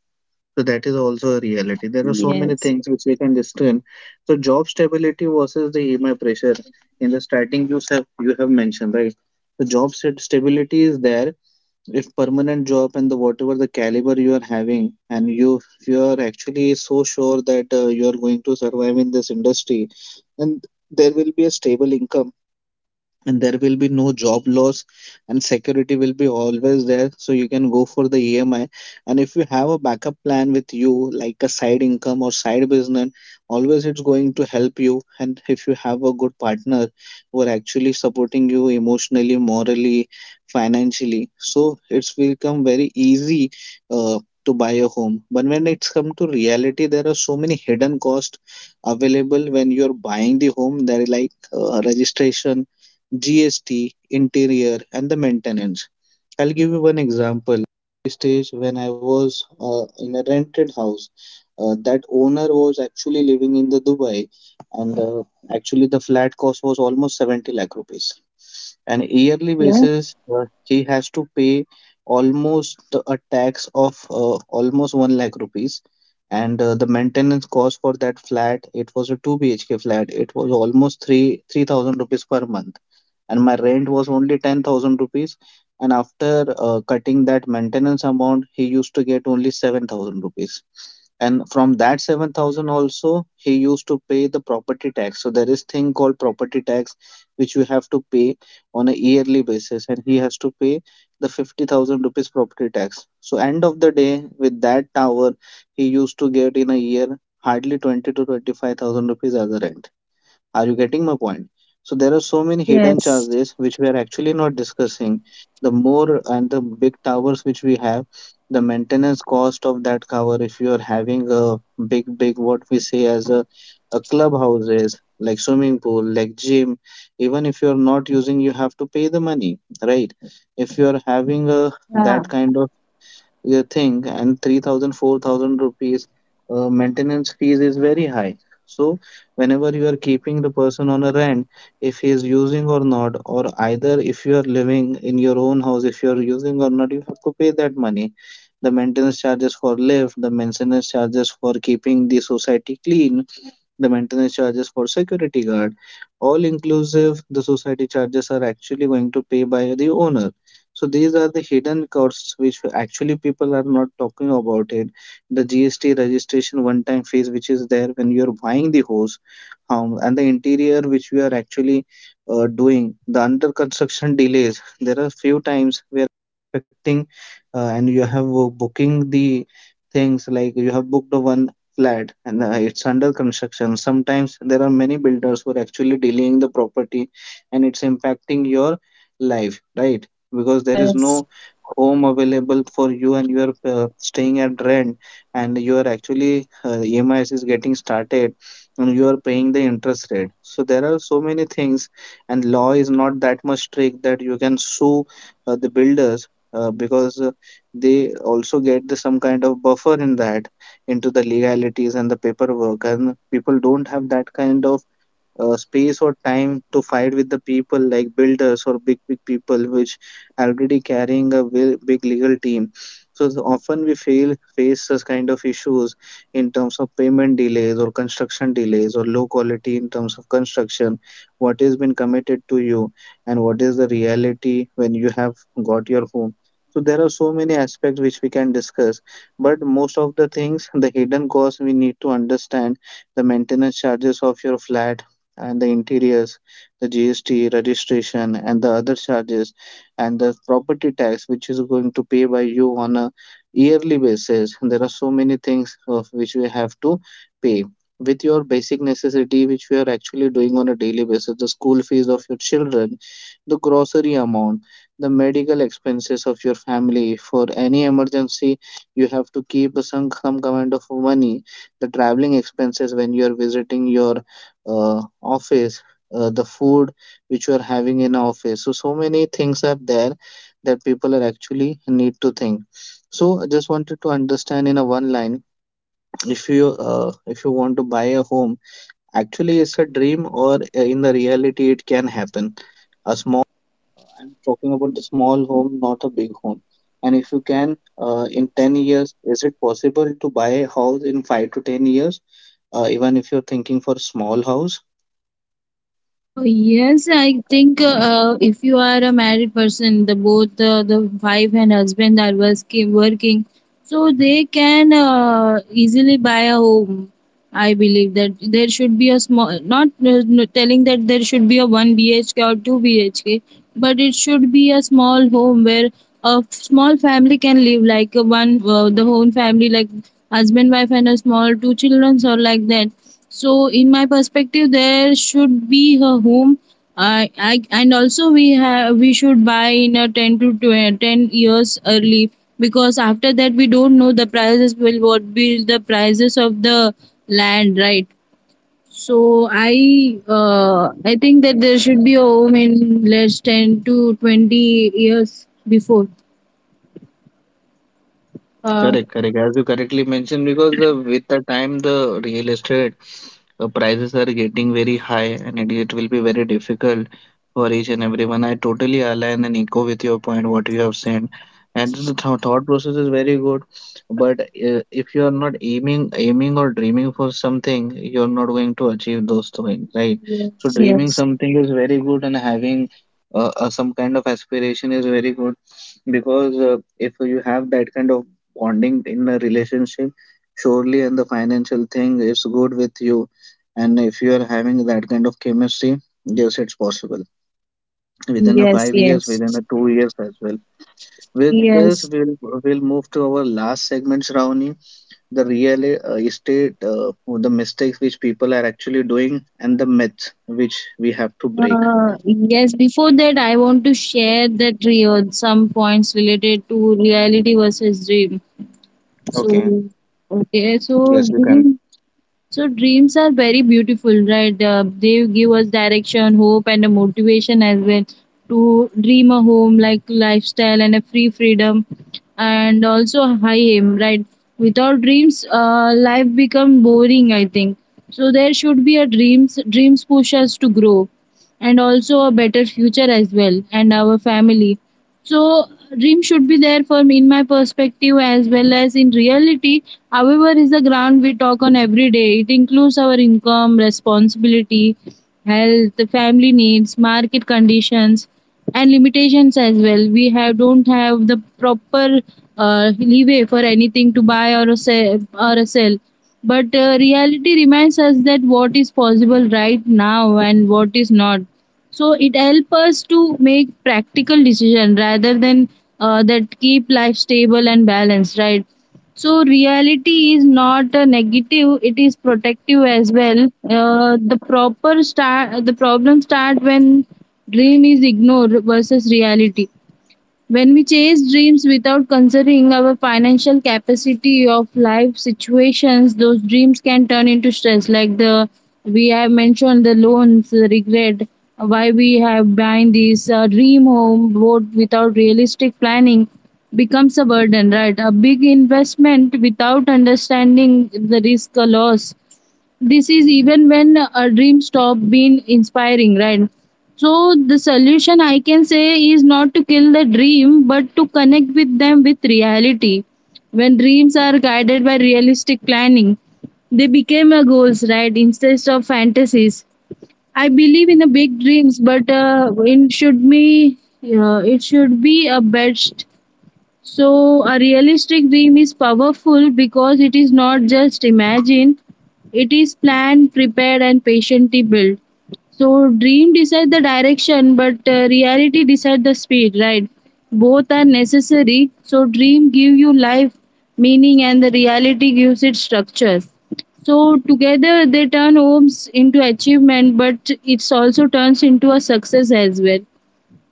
[SPEAKER 1] So that is also a reality. There are so many
[SPEAKER 2] yes.
[SPEAKER 1] things which we can discern. So job stability versus the emi pressure, in the starting you have mentioned, right? The job stability is there. If permanent job, and the whatever the caliber you are having, and you, if you are actually so sure that you are going to survive in this industry, and there will be a stable income, and there will be no job loss, and security will be always there, so you can go for the emi. And if you have a backup plan with you, like a side income or side business, always it's going to help you. And if you have a good partner who are actually supporting you emotionally, morally, financially, so it's become very easy uh, to buy a home. But when it's come to reality, there are so many hidden costs available when you're buying the home. There are like registration, GST, interior, and the maintenance. I'll give you one example. Stage when I was in a rented house, that owner was actually living in the Dubai, and actually the flat cost was almost 70 lakh rupees. And yearly
[SPEAKER 2] Okay.
[SPEAKER 1] basis, he has to pay almost a tax of almost 1 lakh rupees. And the maintenance cost for that flat, it was a 2 BHK flat, it was almost 3 3,000 rupees per month, and my rent was only 10,000 rupees. And after cutting that maintenance amount, he used to get only 7,000 rupees. And from that 7,000 also, he used to pay the property tax. So there is thing called property tax, which you have to pay on a yearly basis, and he has to pay the 50,000 rupees property tax. So end of the day, with that tower, he used to get in a year hardly 20 to 25,000 rupees as a rent. Are you getting my point? So there are so many hidden
[SPEAKER 2] Yes.
[SPEAKER 1] charges which we are actually not discussing. The more and the big towers which we have, the maintenance cost of that tower, if you are having a big, big, what we say as a clubhouses, like swimming pool, like gym, even if you are not using, you have to pay the money, right? If you are having a
[SPEAKER 2] Yeah.
[SPEAKER 1] that kind of you thing, and 3000 4000 rupees maintenance fees is very high. So whenever you are keeping the person on a rent, if he is using or not, or either if you are living in your own house, if you are using or not, you have to pay that money. The maintenance charges for lift, the maintenance charges for keeping the society clean, the maintenance charges for security guard, all inclusive, the society charges are actually going to pay by the owner. So these are the hidden costs which actually people are not talking about it. The GST registration one-time fees which is there when you are buying the house, and the interior which we are actually doing, the under construction delays. There are few times we are expecting, and you have booking the things like you have booked the one flat and it's under construction. Sometimes there are many builders who are actually delaying the property, and it's impacting your life, right? Because there is
[SPEAKER 2] Yes.
[SPEAKER 1] no home available for you and you are staying at rent, and you are actually emis is getting started, and you are paying the interest rate. So there are so many things, and law is not that much strict that you can sue the builders, because they also get some kind of buffer in that into the legalities and the paperwork, and people don't have that kind of space or time to fight with the people like builders or big big people which already carrying a big legal team. So often we fail face this kind of issues in terms of payment delays or construction delays or low quality in terms of construction, what has been committed to you and what is the reality when you have got your home. So there are so many aspects which we can discuss, but most of the things, the hidden costs, we need to understand: the maintenance charges of your flat and the interiors, the GST registration and the other charges, and the property tax which is going to pay by you on a yearly basis. There are so many things of which we have to pay with your basic necessity which we are actually doing on a daily basis: the school fees of your children, the grocery amount, the medical expenses of your family for any emergency you have to keep some kind of money, the traveling expenses when you are visiting your office, the food which you are having in office. So, so many things are there that people are actually need to think. So, I just wanted to understand in a one line, if you want to buy a home, actually it's a dream or in the reality it can happen. A small I'm talking about the small home, not a big home. And if you can, in 10 years, is it possible to buy a house in 5 to 10 years? Even if you're thinking for a small house,
[SPEAKER 2] Yes, I think, if you are a married person, the wife and husband are working, so they can easily buy a home. I believe that there should be a small, not, telling that there should be a one BHK or two BHK, but it should be a small home where a small family can live, like, one, the whole family, like husband, wife, and a small two children, or like that. So, in my perspective, there should be a home. I and also we should buy in a 10 to 20, 10 years early, because after that we don't know the prices will what be the prices of the land, right? So I think that there should be a home in less 10 to 20 years before. Uh,
[SPEAKER 1] correct, correct. As you correctly mentioned, because with the time the real estate prices are getting very high, and it will be very difficult for each and everyone. I totally align and echo with your point, what you have said. And the th thought process is very good, but if you are not aiming or dreaming for something, you're not going to achieve those things, right? So
[SPEAKER 2] yes, yes,
[SPEAKER 1] dreaming something is very good, and having some kind of aspiration is very good, because if you have that kind of bonding in a relationship surely, and the financial thing is good with you, and if you are having that kind of chemistry, yes, it's possible within a 5 years,
[SPEAKER 2] yes,
[SPEAKER 1] within a 2 years as well. With this
[SPEAKER 2] yes.
[SPEAKER 1] we'll move to our last segment, Shravani, the real estate the mistakes which people are actually doing and the myths which we have to break.
[SPEAKER 2] Yes, before that, I want to share that real some points related to reality versus dream.
[SPEAKER 1] Okay,
[SPEAKER 2] So, okay,
[SPEAKER 1] yes, you can.
[SPEAKER 2] so dreams are very beautiful, right? They give us direction, hope, and a motivation as well, to dream a home like lifestyle and a freedom, and also a high aim, right? Without dreams, life become boring. I think so. There should be a dreams. Dreams push us to grow, and also a better future as well, and our family. So dream should be there for me in my perspective as well as in reality. However, is the ground we talk on every day. It includes our income, responsibility, health, family needs, market conditions, and limitations as well. We have don't have the proper leeway for anything to buy, or a sell. But reality reminds us that what is possible right now and what is not, so it helps us to make practical decision rather than, that keep life stable and balanced, right? So reality is not a negative, it is protective as well. Uh, the proper start the problem start when dream is ignored versus reality. When we chase dreams without considering our financial capacity of life situations, those dreams can turn into stress. Like the we have mentioned, the loans, the regret, why we have buying this, dream home, both without realistic planning, becomes a burden, right? A big investment without understanding the risk or loss, this is even when a dream stop being inspiring, right? So the solution I can say is not to kill the dream, but to connect with them with reality. When dreams are guided by realistic planning, they became a goals, right, instead of fantasies. I believe in a big dreams, but in should be it should be a best. So a realistic dream is powerful because it is not just imagined, it is planned, prepared, and patiently built. So dream decide the direction, but reality decide the speed, right? Both are necessary. So dream give you life, meaning, and the reality gives it structures. So together they turn homes into achievement, but it also turns into a success as well.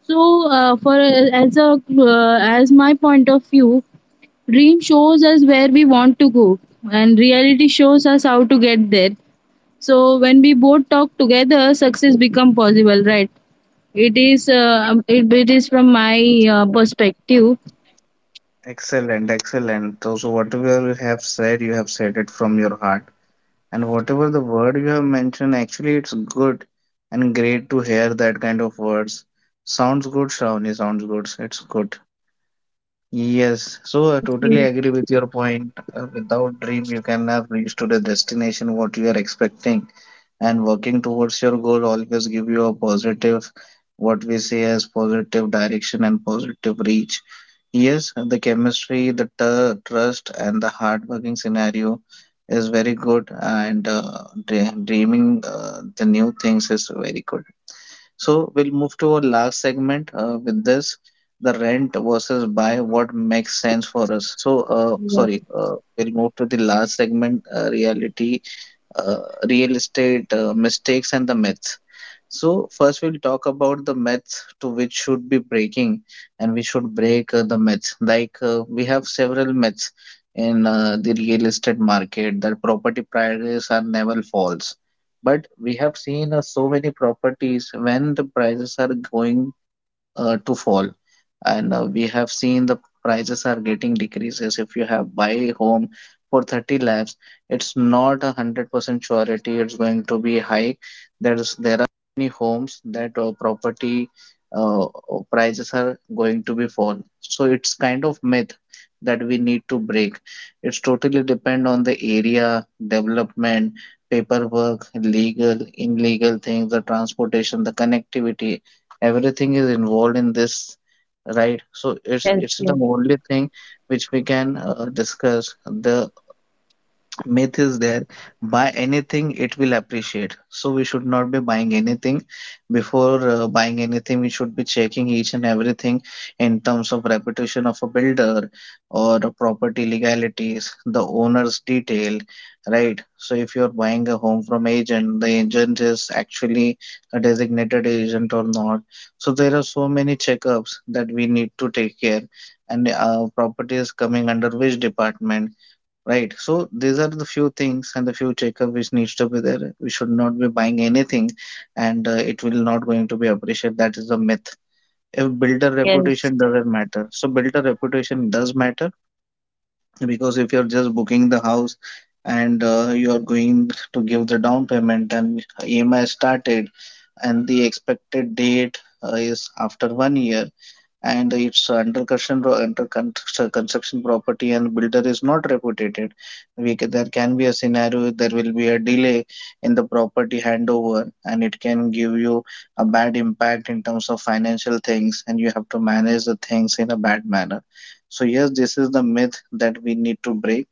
[SPEAKER 2] So, for as a as my point of view, dream shows us where we want to go, and reality shows us how to get there. So, when we both talk together, success become possible, right? It is from my, perspective.
[SPEAKER 1] Excellent, excellent. So, so whatever you have said it from your heart. And whatever the word you have mentioned, actually, it's good and great to hear that kind of words. Sounds good, Shravani. Sounds good. It's good. Yes. So, I
[SPEAKER 2] Thank
[SPEAKER 1] totally
[SPEAKER 2] you.
[SPEAKER 1] agree with your point. Without dream, you cannot reach to the destination what you are expecting. And working towards your goal always give you a positive, what we say as positive direction and positive reach. Yes, the chemistry, the trust, and the hardworking scenario is very good, and dreaming the new things is very good. So we'll move to our last segment with this, the rent versus buy, what makes sense for us. So,
[SPEAKER 2] Yes,
[SPEAKER 1] we'll move to the last segment, reality, uh, real estate mistakes and the myths. So first we'll talk about the myths to which should be breaking, and we should break the myths. Like we have several myths in the real estate market, that property prices are never falls. But we have seen so many properties when the prices are going to fall, and we have seen the prices are getting decreases. If you have buy home for 30 lakhs, it's not 100% surety it's going to be high. There are many homes that property uh, prices are going to be fall, so it's kind of myth that we need to break. It's totally depend on the area development, paperwork, legal illegal things, the transportation, the connectivity, everything is involved in this, right? So it's
[SPEAKER 2] yes,
[SPEAKER 1] the
[SPEAKER 2] yes,
[SPEAKER 1] only thing which we can discuss. The myth is there, buy anything it will appreciate. So we should not be buying anything. Before buying anything we should be checking each and everything in terms of reputation of a builder or a property, legalities, the owner's detail, right? So if you're buying a home from agent, the agent is actually a designated agent or not. So there are so many checkups that we need to take care, and property is coming under which department. Right. So these are the few things and the few checkup which needs to be there. We should not be buying anything, and it will not going to be appreciated. That is a myth. If builder
[SPEAKER 2] yes.
[SPEAKER 1] reputation doesn't matter, so builder reputation does matter, because if you're just booking the house, and you are going to give the down payment and EMI started, and the expected date is after 1 year, and it's under construction, under construction property, and builder is not reputed, we there can be a scenario there will be a delay in the property handover, and it can give you a bad impact in terms of financial things, and you have to manage the things in a bad manner. So yes, this is the myth that we need to break.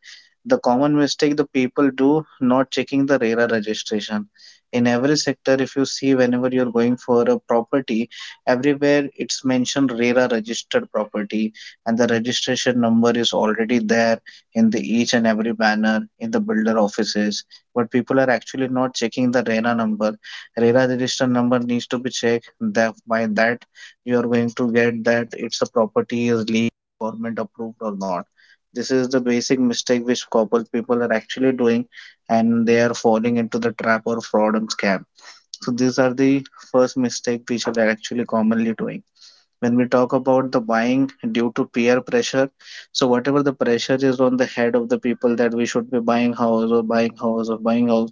[SPEAKER 1] The common mistake the people do not checking the RERA registration. In every sector if you see, whenever you're going for a property, everywhere it's mentioned RERA registered property and the registration number is already there in the each and every banner in the builder offices. But people are actually not checking the RERA number. RERA registered number needs to be checked. That by that you are going to get that it's a property is legal, government approved or not. This is the basic mistake which couple people are actually doing, and they are falling into the trap or fraud and scam. So these are the first mistake which are actually commonly doing. When we talk about the buying due to peer pressure, so whatever the pressure is on the head of the people that we should be buying house or buying house or buying house,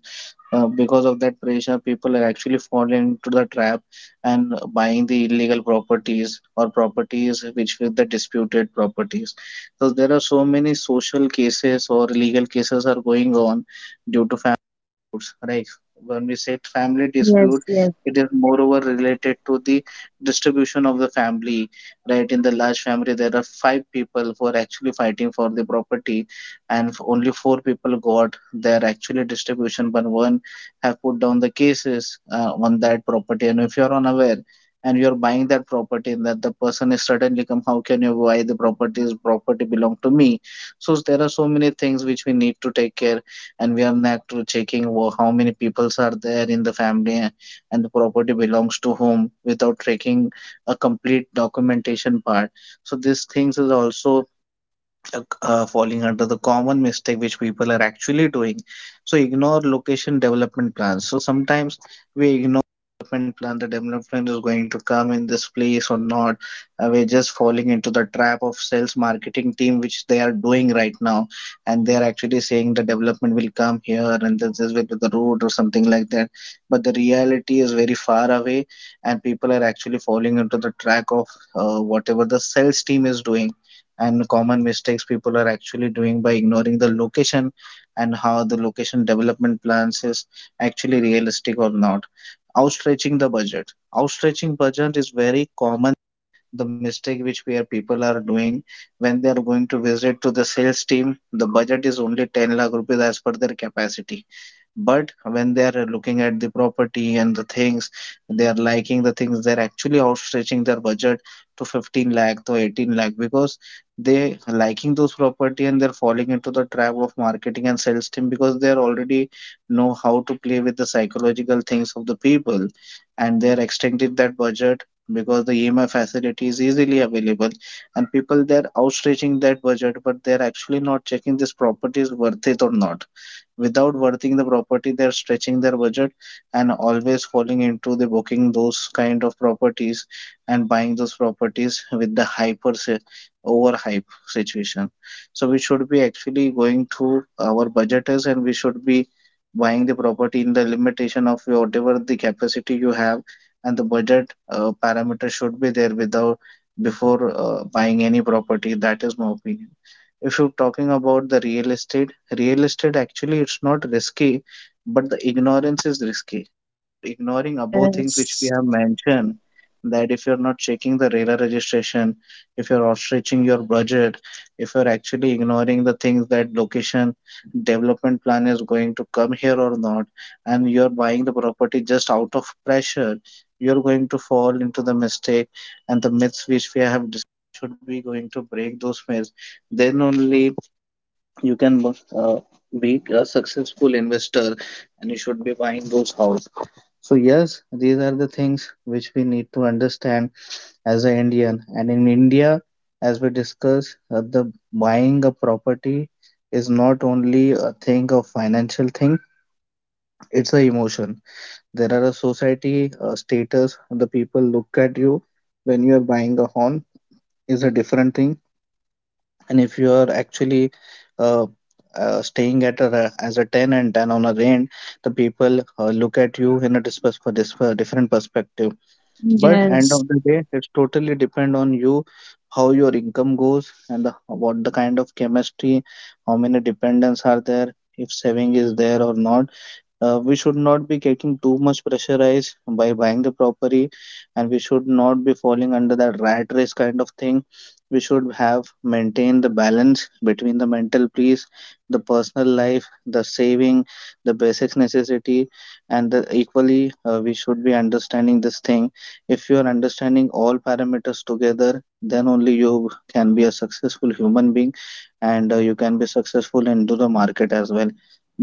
[SPEAKER 1] because of that pressure, people are actually falling into the trap and buying the illegal properties, or properties which with the disputed properties. So there are so many social cases or legal cases are going on due to family disputes. Right? When we say family dispute,
[SPEAKER 2] Yes, yes,
[SPEAKER 1] it is moreover related to the distribution of the family. Right? In the large family, there are 5 people who are actually fighting for the property, and only 4 people got their actually distribution, but one have put down the cases on that property. And if you're unaware and you're buying that property, that the person is suddenly come, how can you buy the property, is property belong to me? So there are so many things which we need to take care, and we are not checking how many peoples are there in the family and the property belongs to whom, without taking a complete documentation part. So these things is also falling under the common mistake which people are actually doing. So ignore location development plans. So sometimes we ignore development plan, the development is going to come in this place or not. We're just falling into the trap of sales marketing team which they are doing right now, and they are actually saying the development will come here, and this is with the road or something like that. But the reality is very far away, and people are actually falling into the track of whatever the sales team is doing. And common mistakes people are actually doing by ignoring the location, and how the location development plans is actually realistic or not. Outstretching the budget, outstretching budget is very common, the mistake which we are people are doing. When they are going to visit to the sales team, the budget is only 10 lakh rupees as per their capacity, but when they are looking at the property and the things they are liking, the things they're actually outstretching their budget to 15 lakh to 18 lakh because they are liking those property, and they're falling into the trap of marketing and sales team, because they are already know how to play with the psychological things of the people, and they're extending that budget because the EMI facility is easily available, and people they're outstretching that budget, but they're actually not checking this property is worth it or not. Without worthing the property they're stretching their budget, and always falling into the booking those kind of properties and buying those properties with the overhype situation. So we should be actually going through our budget, and we should be buying the property in the limitation of whatever the capacity you have, and the budget parameter should be there, without before buying any property. That is my opinion. If you're talking about the real estate actually it's not risky, but the ignorance is risky. Ignoring above things which we
[SPEAKER 2] yes,
[SPEAKER 1] have mentioned, that if you're not checking the RERA registration, if you're outstretching your budget, if you're actually ignoring the things that location development plan is going to come here or not, and you're buying the property just out of pressure, you're going to fall into the mistake, and the myths which we have discussed should be going to break those myths. Then only you can uh, be a successful investor, and you should be buying those houses. So yes, these are the things which we need to understand as an Indian and in India. As we discussed, the buying a property is not only a thing of financial thing, it's an emotion. There are a society status, the people look at you when you are buying a home is a different thing. And if you are actually uh, staying at a, as a tenant and on a rent, the people look at you in a for this different perspective. But end
[SPEAKER 2] yes.
[SPEAKER 1] of the day, it's totally depend on you, how your income goes and the, what the kind of chemistry, how many dependents are there, if saving is there or not. We should not be getting too much pressurized by buying the property, and we should not be falling under that rat race kind of thing. We should have maintained the balance between the mental peace, the personal life, the saving, the basic necessity, and the equally, we should be understanding this thing. If you are understanding all parameters together, then only you can be a successful human being, and you can be successful into the market as well.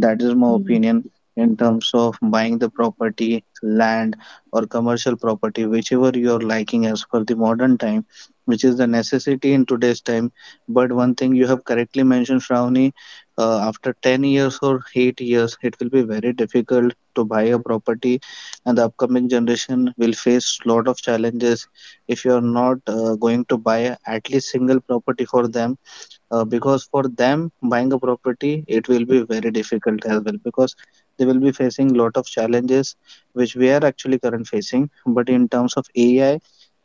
[SPEAKER 1] That is my
[SPEAKER 2] Mm.
[SPEAKER 1] opinion, in terms of buying the property, land, or commercial property, whichever you're liking as per the modern time, which is the necessity in today's time. But one thing you have correctly mentioned, Shravani, after 10 years or 8 years, it will be very difficult to buy a property, and the upcoming generation will face lot of challenges if you are not going to buy at least single property for them. Because for them buying a property, it will be very difficult as well, because they will be facing lot of challenges which we are actually current facing. But in terms of AI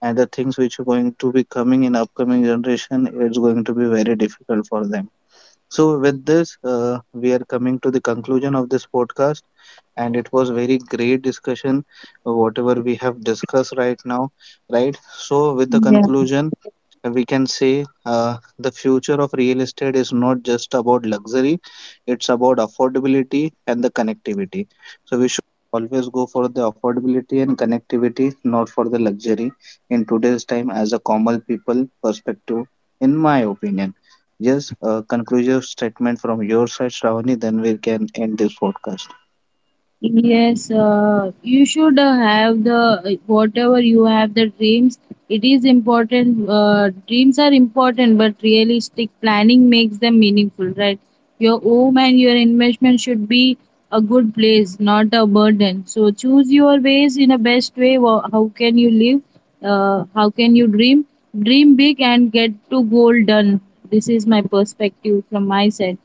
[SPEAKER 1] and the things which are going to be coming in upcoming generation, it's going to be very difficult for them. So with this, we are coming to the conclusion of this podcast, and it was very great discussion. Whatever we have discussed right now, right. So with the
[SPEAKER 2] Yes.
[SPEAKER 1] conclusion, we can say, the future of real estate is not just about luxury, it's about affordability and the connectivity. So we should always go for the affordability and connectivity, not for the luxury, in today's time as a common people perspective, in my opinion. Yes, a conclusive statement from your side, Shravani, then we can end this podcast.
[SPEAKER 2] Yes, you should, have the, whatever you have the dreams. It is important. Dreams are important, but realistic planning makes them meaningful, right? Your home and your investment should be a good place, not a burden. So choose your ways in a best way. How can you live? How can you dream? Dream big and get to goal done. This is my perspective from my side.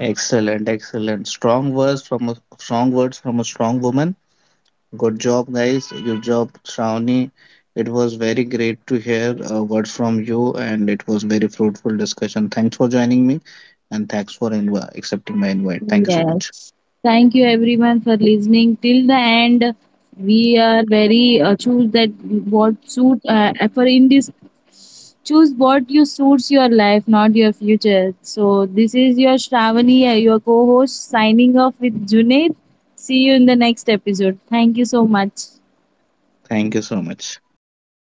[SPEAKER 1] Excellent, excellent. Strong words from a strong woman. Good job, guys. Good job, Shravani. It was very great to hear words from you, and it was very fruitful discussion. Thanks for joining me, and thanks for inv accepting my invite. Thank you so much.
[SPEAKER 2] Yes. Thank you everyone for listening till the end. We are very, choose that what suit, for in this, choose what you suits your life, not your future. So this is your Shravani, your co-host, signing off with Junaid. See you in the next episode. Thank you so much.
[SPEAKER 1] Thank you so much.